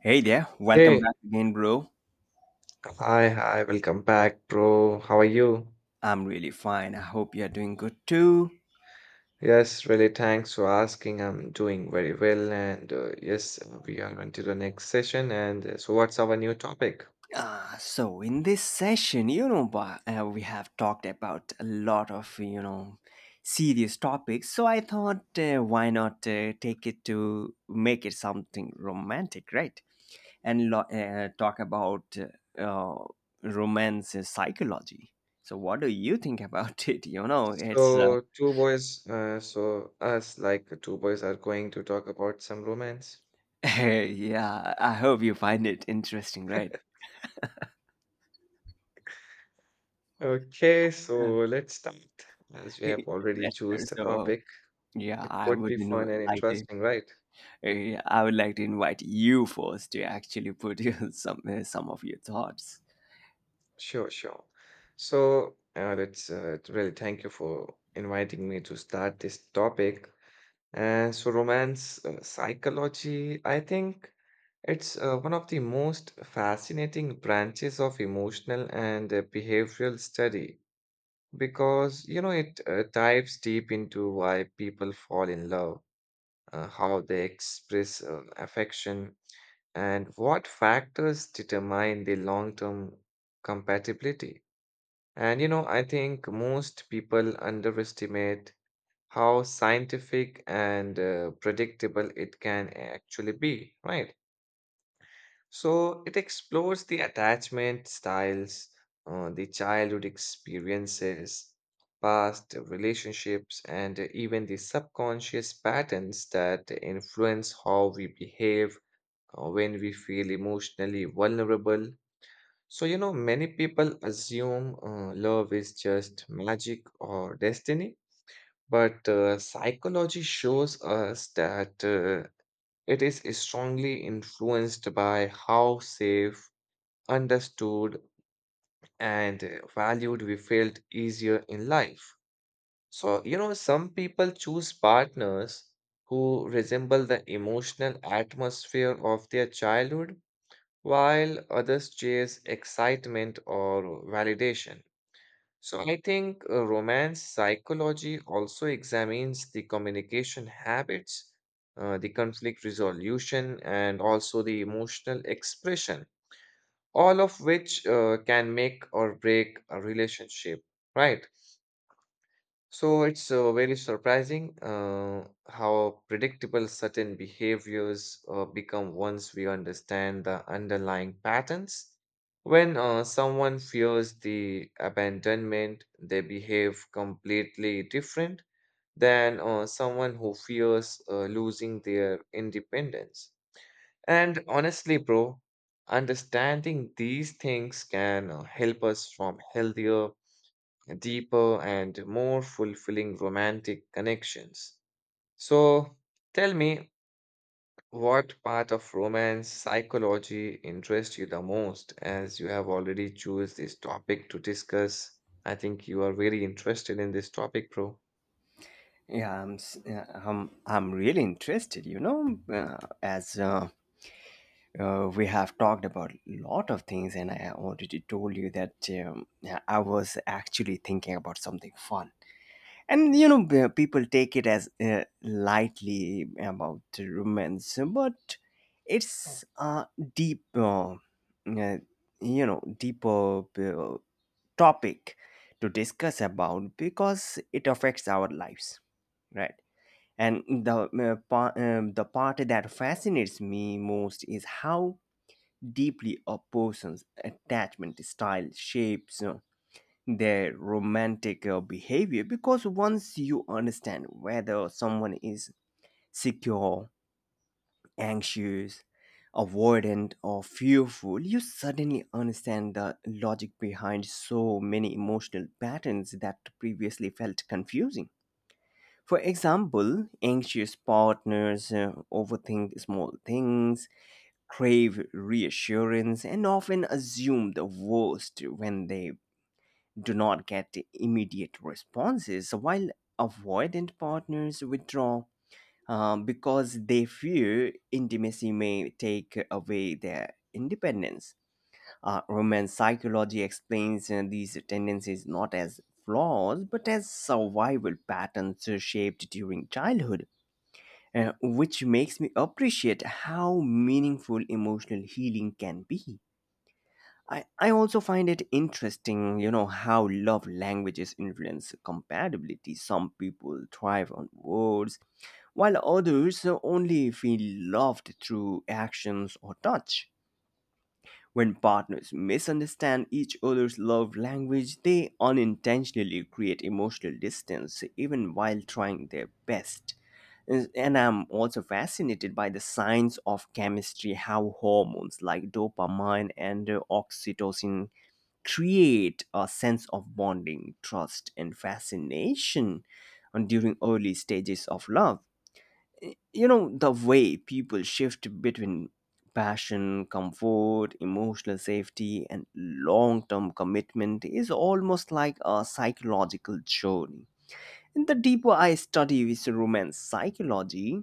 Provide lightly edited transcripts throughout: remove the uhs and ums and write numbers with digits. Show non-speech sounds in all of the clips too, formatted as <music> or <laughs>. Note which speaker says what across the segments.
Speaker 1: Hey there, welcome
Speaker 2: Hey,
Speaker 1: back again, bro.
Speaker 2: welcome back, bro. How are you?
Speaker 1: I'm really fine. I hope you're doing good too.
Speaker 2: Thanks for asking. I'm doing very well, and we are on to the next session. And what's our new topic?
Speaker 1: So in this session, we have talked about a lot of serious topics. So I thought, why not take it to make it something romantic, right? And talk about uh, uh, romance psychology. So what do you think about <laughs> it? You know, it's
Speaker 2: So, us, like two boys, are going to talk about some romance.
Speaker 1: <laughs> yeah. I hope you find it interesting, right?
Speaker 2: Okay, so let's start. As
Speaker 1: <laughs>
Speaker 2: we have
Speaker 1: Hey,
Speaker 2: already
Speaker 1: let's go.
Speaker 2: choose the
Speaker 1: So
Speaker 2: topic,
Speaker 1: yeah,
Speaker 2: it
Speaker 1: I
Speaker 2: could
Speaker 1: would
Speaker 2: be fun and
Speaker 1: like to.
Speaker 2: interesting, right?
Speaker 1: I would like to invite you first to actually put your, <laughs> some of your thoughts.
Speaker 2: Sure. So, that's really thank you for inviting me to start this topic. Romance psychology, I think it's one of the most fascinating branches of emotional and behavioral study because, you know, it dives deep into why people fall in love, how they express affection, and what factors determine the long-term compatibility. And you know, I think most people underestimate how scientific and predictable it can actually be, right? So it explores the attachment styles, the childhood experiences, past relationships, and even the subconscious patterns that influence how we behave when we feel emotionally vulnerable. So, you know, many people assume love is just magic or destiny, but psychology shows us that it is strongly influenced by how safe, understood, and valued we felt easier in life. So, you know, some people choose partners who resemble the emotional atmosphere of their childhood, while others chase excitement or validation. So I think romance psychology also examines the communication habits, the conflict resolution, and also the emotional expression, all of which can make or break a relationship, right? So it's very surprising how predictable certain behaviors become once we understand the underlying patterns. When someone fears the abandonment, they behave completely different than someone who fears losing their independence. And honestly, bro, understanding these things can help us form healthier, deeper, and more fulfilling romantic connections. So tell me what part of romance psychology interests you the most, as you have already choose this topic to discuss. I think you are very interested in this topic, bro.
Speaker 1: Yeah, I'm really interested. You know, as we have talked about a lot of things, and I already told you that yeah, I was actually thinking about something fun. And people take it as lightly about romance, but it's a deep deeper uh, topic to discuss about, because it affects our lives, right? And the the part that fascinates me most is how deeply a person's attachment style shapes their romantic behavior, because once you understand whether someone is secure, anxious, avoidant, or fearful, you suddenly understand the logic behind so many emotional patterns that previously felt confusing. For example, anxious partners overthink small things, crave reassurance, and often assume the worst when they do not get immediate responses, so while avoidant partners withdraw because they fear intimacy may take away their independence. Romance psychology explains these tendencies not as flaws but as survival patterns shaped during childhood, which makes me appreciate how meaningful emotional healing can be. I also find it interesting, you know, how love languages influence compatibility. Some people thrive on words, while others only feel loved through actions or touch. When partners misunderstand each other's love language, they unintentionally create emotional distance, even while trying their best. And I'm also fascinated by the science of chemistry, how hormones like dopamine and oxytocin create a sense of bonding, trust, and fascination and during early stages of love. You know, the way people shift between passion, comfort, emotional safety, and long term commitment is almost like a psychological journey. And the deeper I study this romance psychology,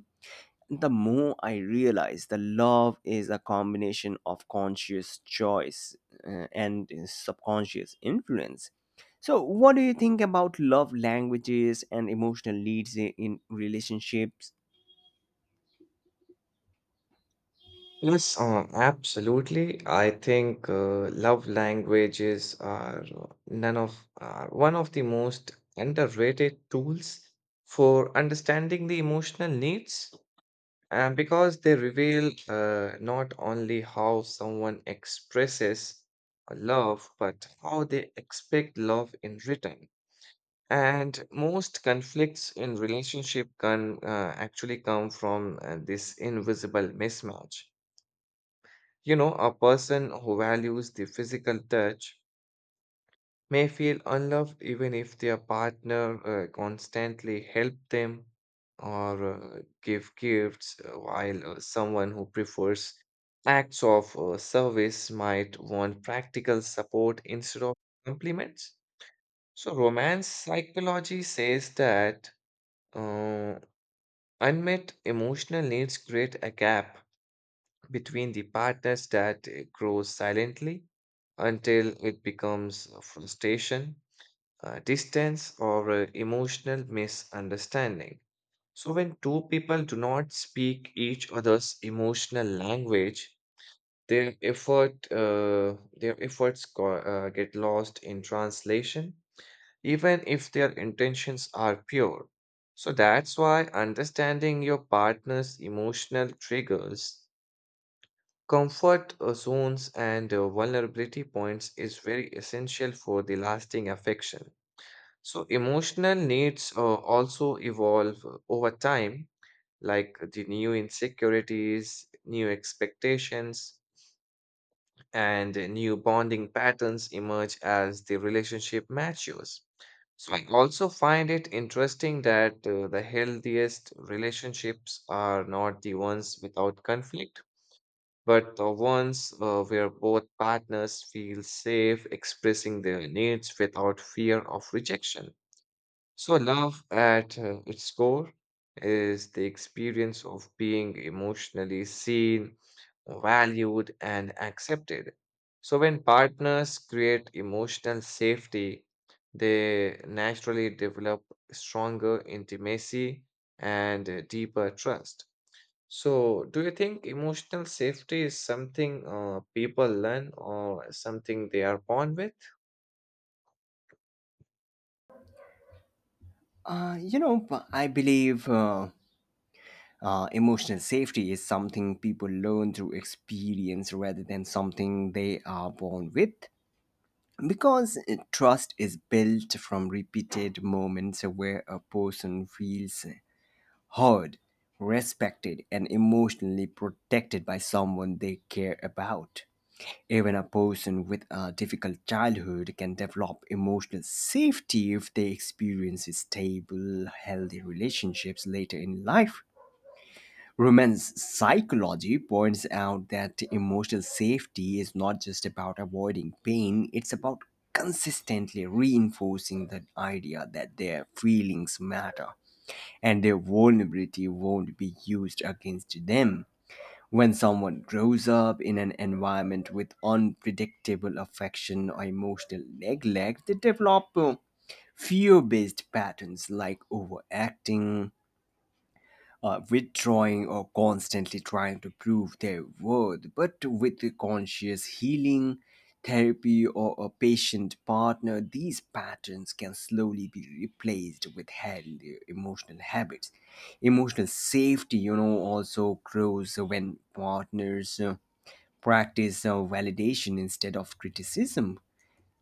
Speaker 1: the more I realize the love is a combination of conscious choice and subconscious influence. So, what do you think about love languages and emotional leads in relationships?
Speaker 2: Yes, absolutely. I think love languages are none of are one of the most underrated tools for understanding the emotional needs, and because they reveal not only how someone expresses love, but how they expect love in return. And most conflicts in relationship can actually come from this invisible mismatch. You know, a person who values the physical touch may feel unloved even if their partner constantly help them or give gifts, while someone who prefers acts of service might want practical support instead of compliments. So, romance psychology says that uh, unmet emotional needs create a gap between the partners that grows silently until it becomes frustration, distance, or emotional misunderstanding. So, when two people do not speak each other's emotional language, their efforts get lost in translation, even if their intentions are pure. So that's why understanding your partner's emotional triggers, comfort zones, and vulnerability points is very essential for the lasting affection. So, emotional needs also evolve over time, like the new insecurities, new expectations, and new bonding patterns emerge as the relationship matures. So, I also find it interesting that the healthiest relationships are not the ones without conflict, but the ones where both partners feel safe expressing their needs without fear of rejection. So, love at its core is the experience of being emotionally seen, valued, and accepted. So, when partners create emotional safety, they naturally develop stronger intimacy and deeper trust. So, do you think emotional safety is something people learn or something they are born with?
Speaker 1: I believe emotional safety is something people learn through experience rather than something they are born with. Because trust is built from repeated moments where a person feels heard, respected, and emotionally protected by someone they care about. Even a person with a difficult childhood can develop emotional safety if they experience stable, healthy relationships later in life. Romance psychology points out that emotional safety is not just about avoiding pain, it's about consistently reinforcing the idea that their feelings matter and their vulnerability won't be used against them. When someone grows up in an environment with unpredictable affection or emotional neglect, they develop fear based patterns like overacting, withdrawing, or constantly trying to prove their worth, but with the conscious healing, therapy, or a patient partner, these patterns can slowly be replaced with healthy emotional habits. Emotional safety, you know, also grows when partners practice validation instead of criticism,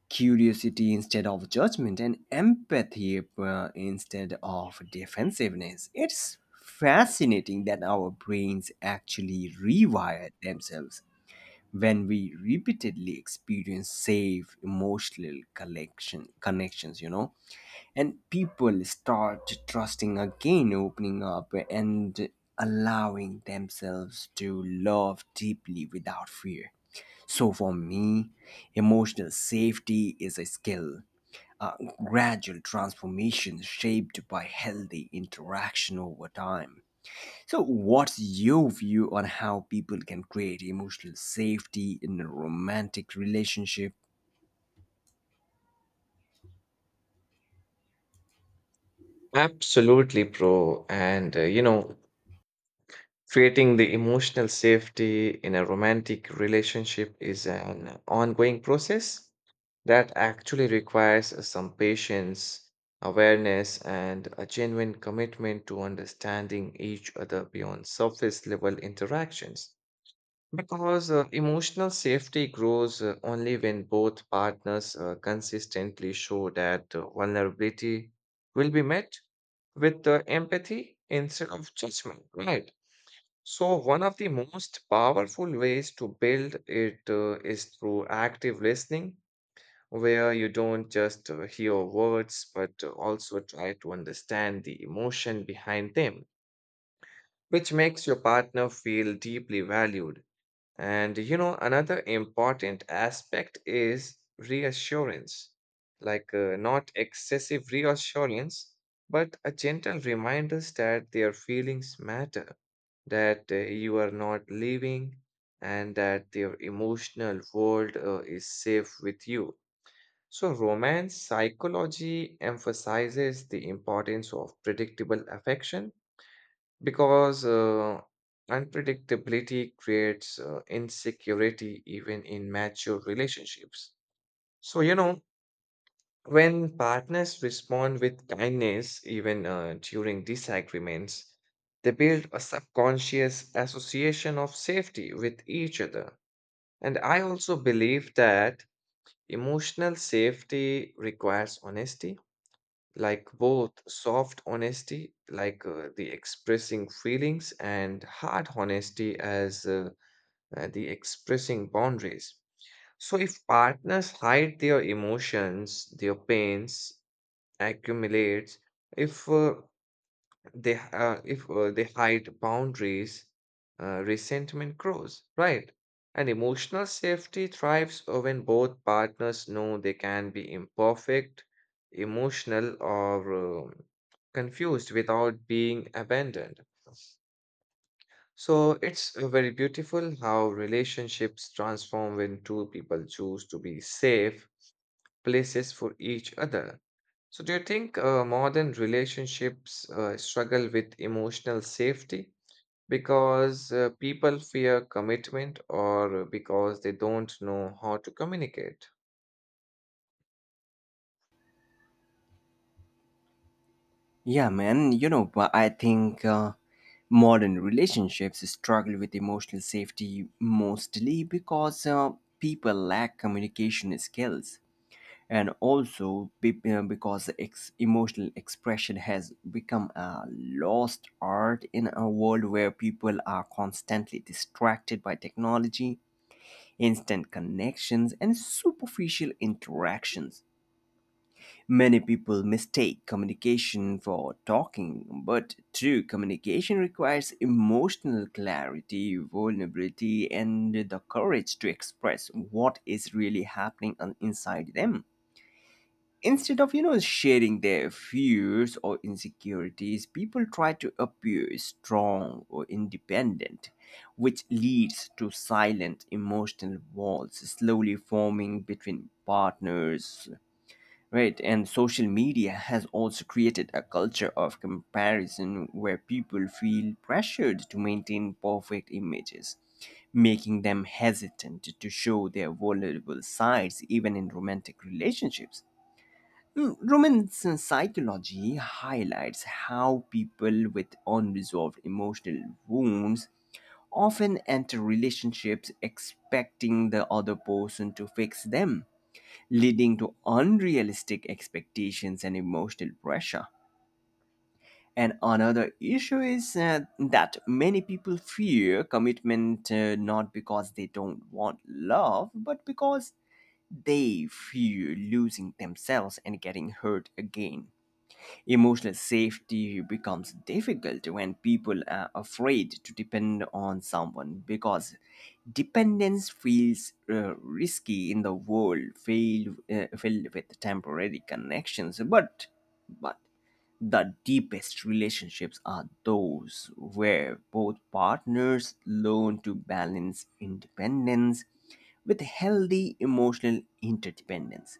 Speaker 1: curiosity instead of judgment, and empathy instead of defensiveness. It's fascinating that our brains actually rewire themselves when we repeatedly experience safe emotional collection connections, you know, and people start trusting again, opening up, and allowing themselves to love deeply without fear. So for me, emotional safety is a skill, a gradual transformation shaped by healthy interaction over time. So what's your view on how people can create emotional safety in a romantic relationship?
Speaker 2: Absolutely, bro. And you know, creating the emotional safety in a romantic relationship is an ongoing process that actually requires some patience, awareness, and a genuine commitment to understanding each other beyond surface level interactions. Because emotional safety grows only when both partners consistently show that vulnerability will be met with empathy instead of judgment, right? So, one of the most powerful ways to build it is through active listening, where you don't just hear words but also try to understand the emotion behind them, which makes your partner feel deeply valued. And you know, another important aspect is reassurance, like not excessive reassurance, but a gentle reminder that their feelings matter, that you are not leaving, and that their emotional world is safe with you. So, romance psychology emphasizes the importance of predictable affection because unpredictability creates insecurity even in mature relationships. So, you know, when partners respond with kindness, even during disagreements, they build a subconscious association of safety with each other. And I also believe that emotional safety requires honesty, like both soft honesty, like the expressing feelings, and hard honesty as the expressing boundaries. So, if partners hide their emotions, their pains accumulates, if uh, if they hide boundaries, resentment grows, right? And emotional safety thrives when both partners know they can be imperfect, emotional, or confused without being abandoned. So it's very beautiful how relationships transform when two people choose to be safe places for each other. So do you think modern relationships struggle with emotional safety because people fear commitment or because they don't know how to communicate?
Speaker 1: Yeah, man, you know, but I think modern relationships struggle with emotional safety mostly because people lack communication skills, and also because emotional expression has become a lost art in a world where people are constantly distracted by technology, instant connections, and superficial interactions. Many people mistake communication for talking, but true communication requires emotional clarity, vulnerability, and the courage to express what is really happening inside them. Instead of, you know, sharing their fears or insecurities, people try to appear strong or independent, which leads to silent emotional walls slowly forming between partners. Right, and social media has also created a culture of comparison where people feel pressured to maintain perfect images, making them hesitant to show their vulnerable sides even in romantic relationships. Romance psychology highlights how people with unresolved emotional wounds often enter relationships expecting the other person to fix them, leading to unrealistic expectations and emotional pressure. And another issue is that many people fear commitment, not because they don't want love, but because they fear losing themselves and getting hurt again. Emotional safety becomes difficult when people are afraid to depend on someone because dependence feels risky in the world filled with temporary connections. But the deepest relationships are those where both partners learn to balance independence with healthy emotional interdependence.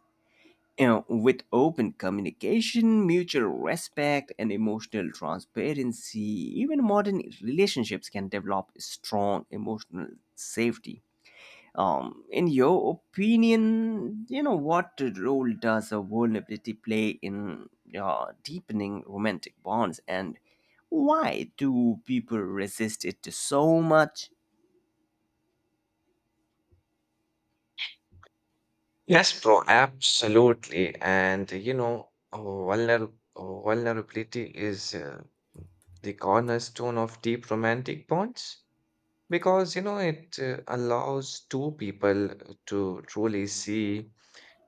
Speaker 1: And with open communication, mutual respect, and emotional transparency, even modern relationships can develop strong emotional safety. In your opinion, you know, what role does a vulnerability play in deepening romantic bonds, and why do people resist it so much?
Speaker 2: Yes, bro, absolutely. And you know, vulnerability is the cornerstone of deep romantic bonds because you know it allows two people to truly see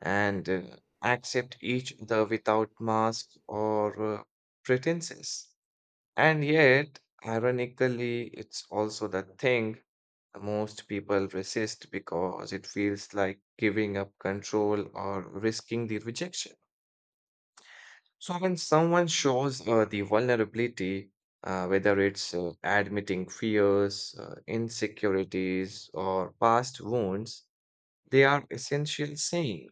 Speaker 2: and accept each other without mask or pretenses. And yet, ironically, it's also the thing most people resist because it feels like giving up control or risking the rejection. So, when someone shows the vulnerability, whether it's admitting fears, insecurities, or past wounds, they are essentially saying,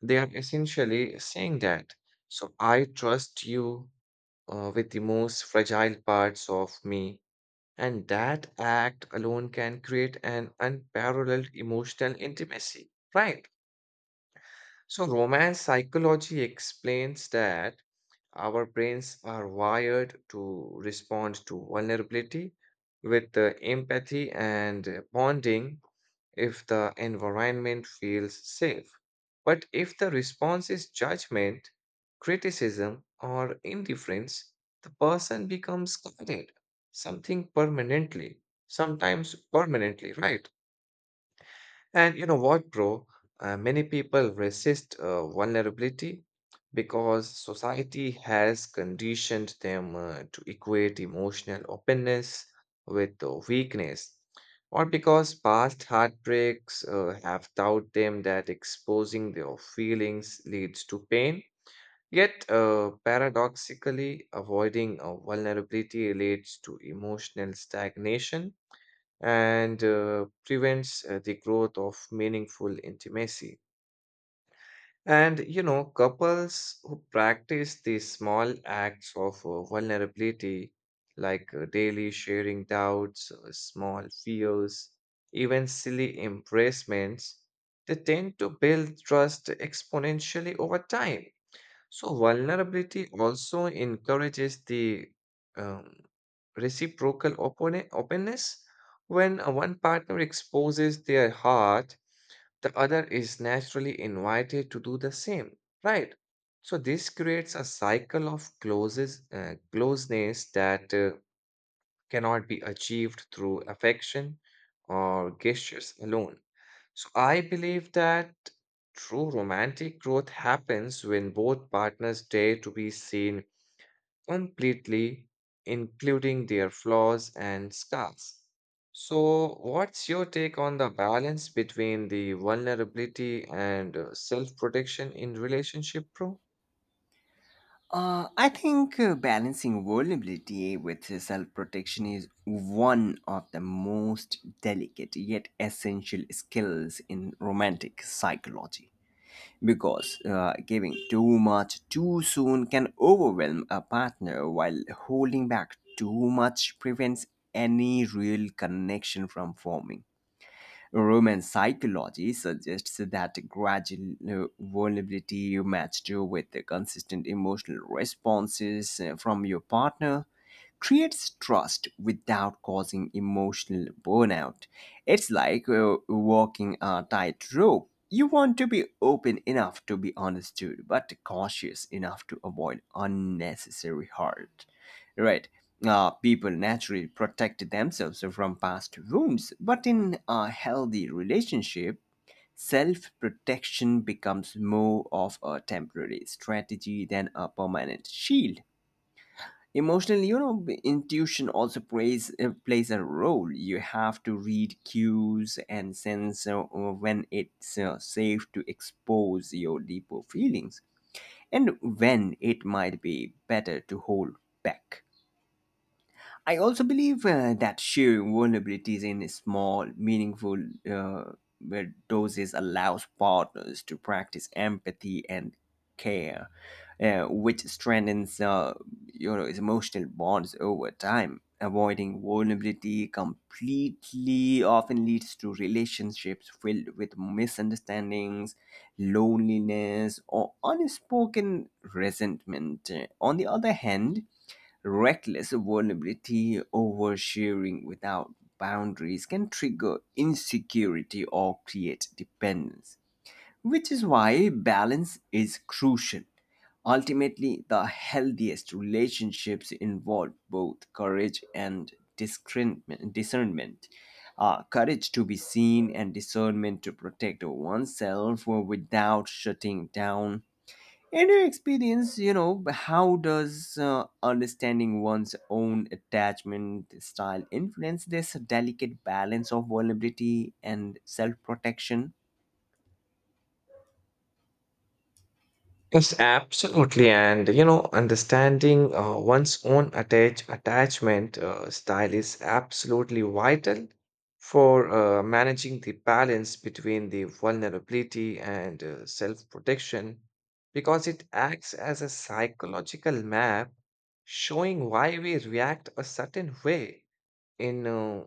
Speaker 2: they are essentially saying that, so, I trust you with the most fragile parts of me. And that act alone can create an unparalleled emotional intimacy, right? So, romance psychology explains that our brains are wired to respond to vulnerability with empathy and bonding if the environment feels safe. But if the response is judgment, criticism, or indifference, the person becomes guarded, something permanently, sometimes permanently, right? And you know what, bro? Many people resist vulnerability because society has conditioned them to equate emotional openness with weakness, or because past heartbreaks have taught them that exposing their feelings leads to pain. Yet, paradoxically, avoiding vulnerability leads to emotional stagnation and prevents the growth of meaningful intimacy. And you know, couples who practice these small acts of vulnerability, like daily sharing doubts, small fears, even silly embracements, they tend to build trust exponentially over time. So, vulnerability also encourages the um, reciprocal openness. When one partner exposes their heart, the other is naturally invited to do the same, right? So, this creates a cycle of closeness that cannot be achieved through affection or gestures alone. So I believe that true romantic growth happens when both partners dare to be seen completely, including their flaws and scars. So, what's your take on the balance between the vulnerability and self protection in relationship, bro?
Speaker 1: I think balancing vulnerability with self protection is one of the most delicate yet essential skills in romantic psychology, because giving too much too soon can overwhelm a partner, while holding back too much prevents any real connection from forming. Roman psychology suggests that gradual vulnerability matched with the consistent emotional responses from your partner creates trust without causing emotional burnout. It's like walking a tightrope. You want to be open enough to be understood, but cautious enough to avoid unnecessary hurt. Right. People naturally protect themselves from past wounds, but in a healthy relationship, self protection becomes more of a temporary strategy than a permanent shield. Emotionally, you know, intuition also plays a role. You have to read cues and sense when it's safe to expose your deeper feelings and when it might be better to hold back. I also believe that sharing vulnerabilities in small, meaningful uh, where doses allows partners to practice empathy and care, which strengthens, its emotional bonds over time. Avoiding vulnerability completely often leads to relationships filled with misunderstandings, loneliness, or unspoken resentment. On the other hand, reckless vulnerability oversharing without boundaries can trigger insecurity or create dependence, which is why balance is crucial. Ultimately, the healthiest relationships involve both courage and discernment. Courage to be seen and discernment to protect oneself without shutting down. In your experience, you know, how does understanding one's own attachment style influence this delicate balance of vulnerability and self protection?
Speaker 2: Yes, absolutely. And you know, understanding one's own attachment style is absolutely vital for managing the balance between the vulnerability and self-protection because it acts as a psychological map showing why we react a certain way in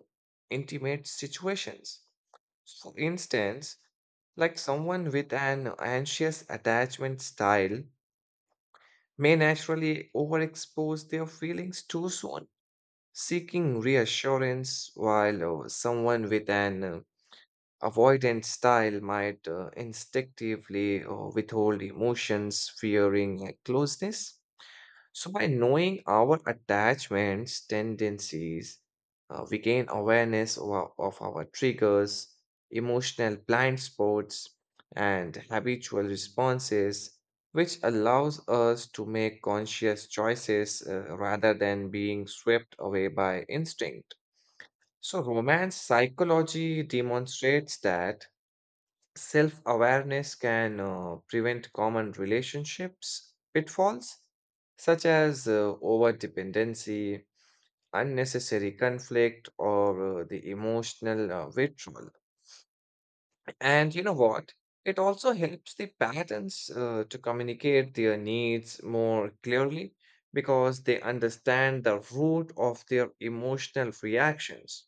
Speaker 2: intimate situations. For instance, like someone with an anxious attachment style may naturally overexpose their feelings too soon, seeking reassurance, while someone with an avoidant style might instinctively withhold emotions, fearing closeness. So, by knowing our attachments, tendencies, we gain awareness of of our triggers, emotional blind spots, and habitual responses, which allows us to make conscious choices rather than being swept away by instinct. So, romance psychology demonstrates that self-awareness can prevent common relationships pitfalls such as over-dependency, unnecessary conflict, or the emotional withdrawal. And you know what? It also helps the parents to communicate their needs more clearly because they understand the root of their emotional reactions.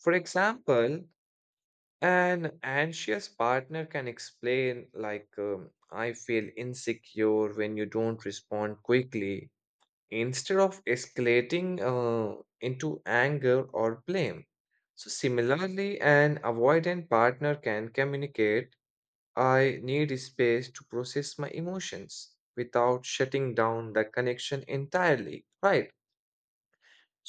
Speaker 2: For example, an anxious partner can explain, like, I feel insecure when you don't respond quickly, instead of escalating into anger or blame. So, similarly, an avoidant partner can communicate, I need space to process my emotions without shutting down the connection entirely, right?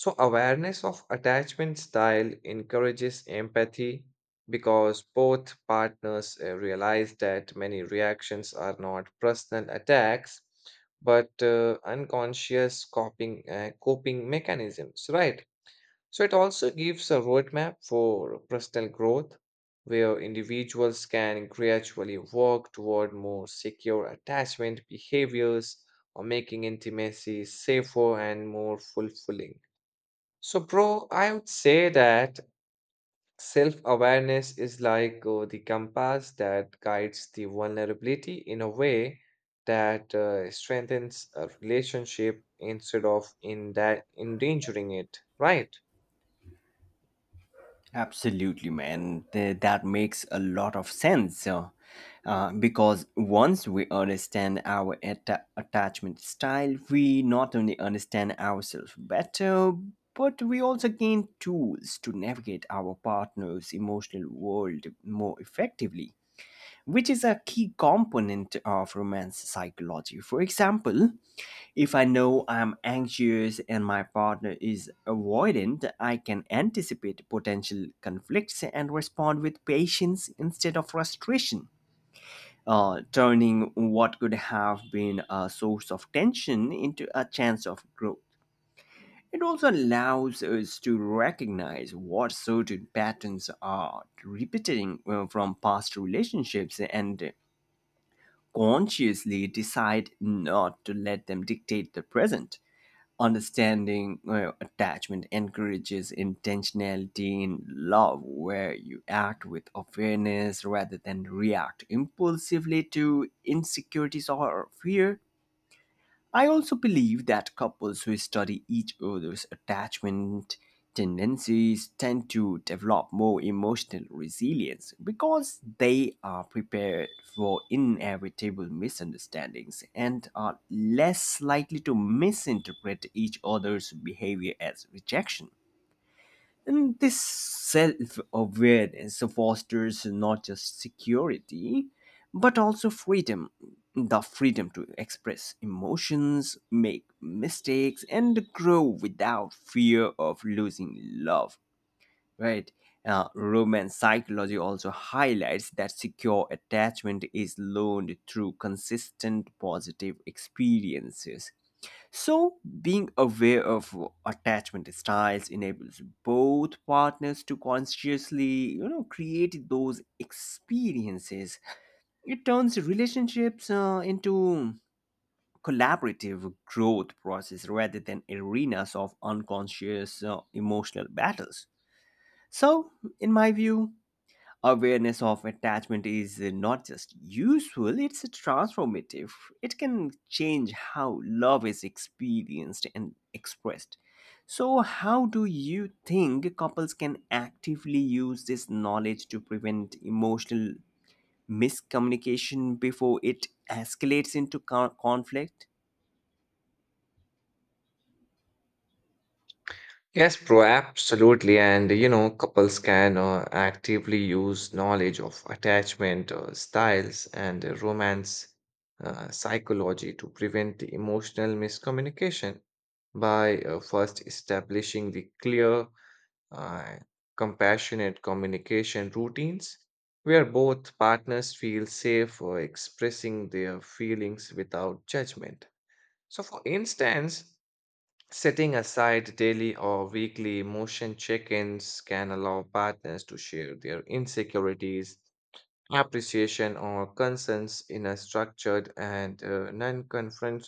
Speaker 2: So, awareness of attachment style encourages empathy because both partners realize that many reactions are not personal attacks but unconscious coping mechanisms, right? So, it also gives a roadmap for personal growth where individuals can gradually work toward more secure attachment behaviors, or making intimacy safer and more fulfilling. So, bro, I would say that self-awareness is like the compass that guides the vulnerability in a way that strengthens a relationship instead of in that endangering it, right?
Speaker 1: Absolutely, man. That makes a lot of sense. Because once we understand our attachment style, we not only understand ourselves better, but we also gain tools to navigate our partner's emotional world more effectively, which is a key component of romance psychology. For example, if I know I'm anxious and my partner is avoidant, I can anticipate potential conflicts and respond with patience instead of frustration, turning what could have been a source of tension into a chance of growth. It also allows us to recognize what certain patterns are repeating from past relationships and consciously decide not to let them dictate the present. Understanding attachment encourages intentionality in love, where you act with awareness rather than react impulsively to insecurities or fear. I also believe that couples who study each other's attachment tendencies tend to develop more emotional resilience because they are prepared for inevitable misunderstandings and are less likely to misinterpret each other's behavior as rejection. And this self awareness fosters not just security, but also freedom, the freedom to express emotions, make mistakes, and grow without fear of losing love. Right? Romance psychology also highlights that secure attachment is learned through consistent positive experiences, so being aware of attachment styles enables both partners to consciously, you know, create those experiences. It turns relationships into collaborative growth process rather than arenas of unconscious emotional battles. So, in my view, awareness of attachment is not just useful, it's transformative. It can change how love is experienced and expressed. So, how do you think couples can actively use this knowledge to prevent emotional miscommunication before it escalates into conflict?
Speaker 2: Yes, bro, absolutely. And you know, couples can actively use knowledge of attachment styles and romance psychology to prevent emotional miscommunication by first establishing the clear, uh, compassionate communication routines where both partners feel safe expressing their feelings without judgment. So, for instance, setting aside daily or weekly emotion check ins can allow partners to share their insecurities, appreciation, or concerns in a structured and non confrontational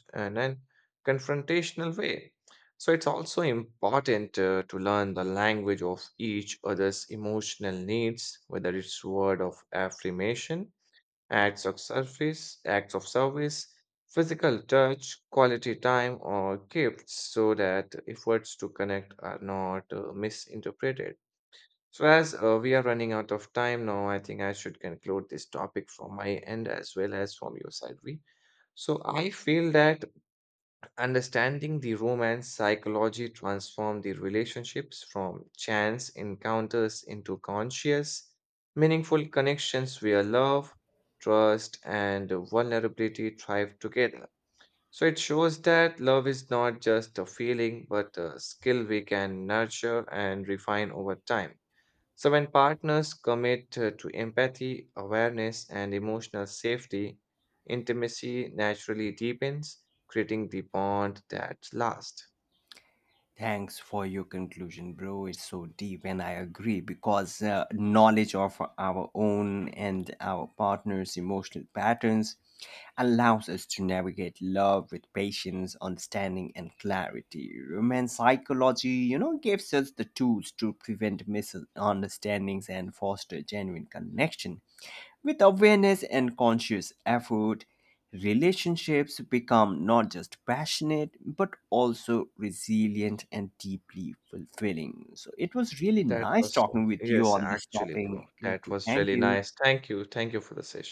Speaker 2: way. So, it's also important to learn the language of each other's emotional needs, whether it's word of affirmation, acts of service, physical touch, quality time, or gifts, so that efforts to connect are not misinterpreted. So, as we are running out of time now, I think I should conclude this topic from my end as well as from your side. We So I feel that understanding the romance psychology transformed the relationships from chance encounters into conscious, meaningful connections where love, trust, and vulnerability thrive together. So it shows that love is not just a feeling, but a skill we can nurture and refine over time. So, when partners commit to empathy, awareness, and emotional safety, intimacy naturally deepens, creating the bond that lasts.
Speaker 1: Thanks for your conclusion, bro. It's so deep, and I agree, because knowledge of our own and our partner's emotional patterns allows us to navigate love with patience, understanding, and clarity. Romance psychology, you know, gives us the tools to prevent misunderstandings and foster genuine connection. With awareness and conscious effort, relationships become not just passionate but also resilient and deeply fulfilling. So it was really
Speaker 2: That
Speaker 1: nice
Speaker 2: was,
Speaker 1: talking with you
Speaker 2: yes,
Speaker 1: on this
Speaker 2: actually,
Speaker 1: topic.
Speaker 2: bro, that was
Speaker 1: Thank
Speaker 2: really
Speaker 1: you.
Speaker 2: nice. Thank you. Thank you for the session.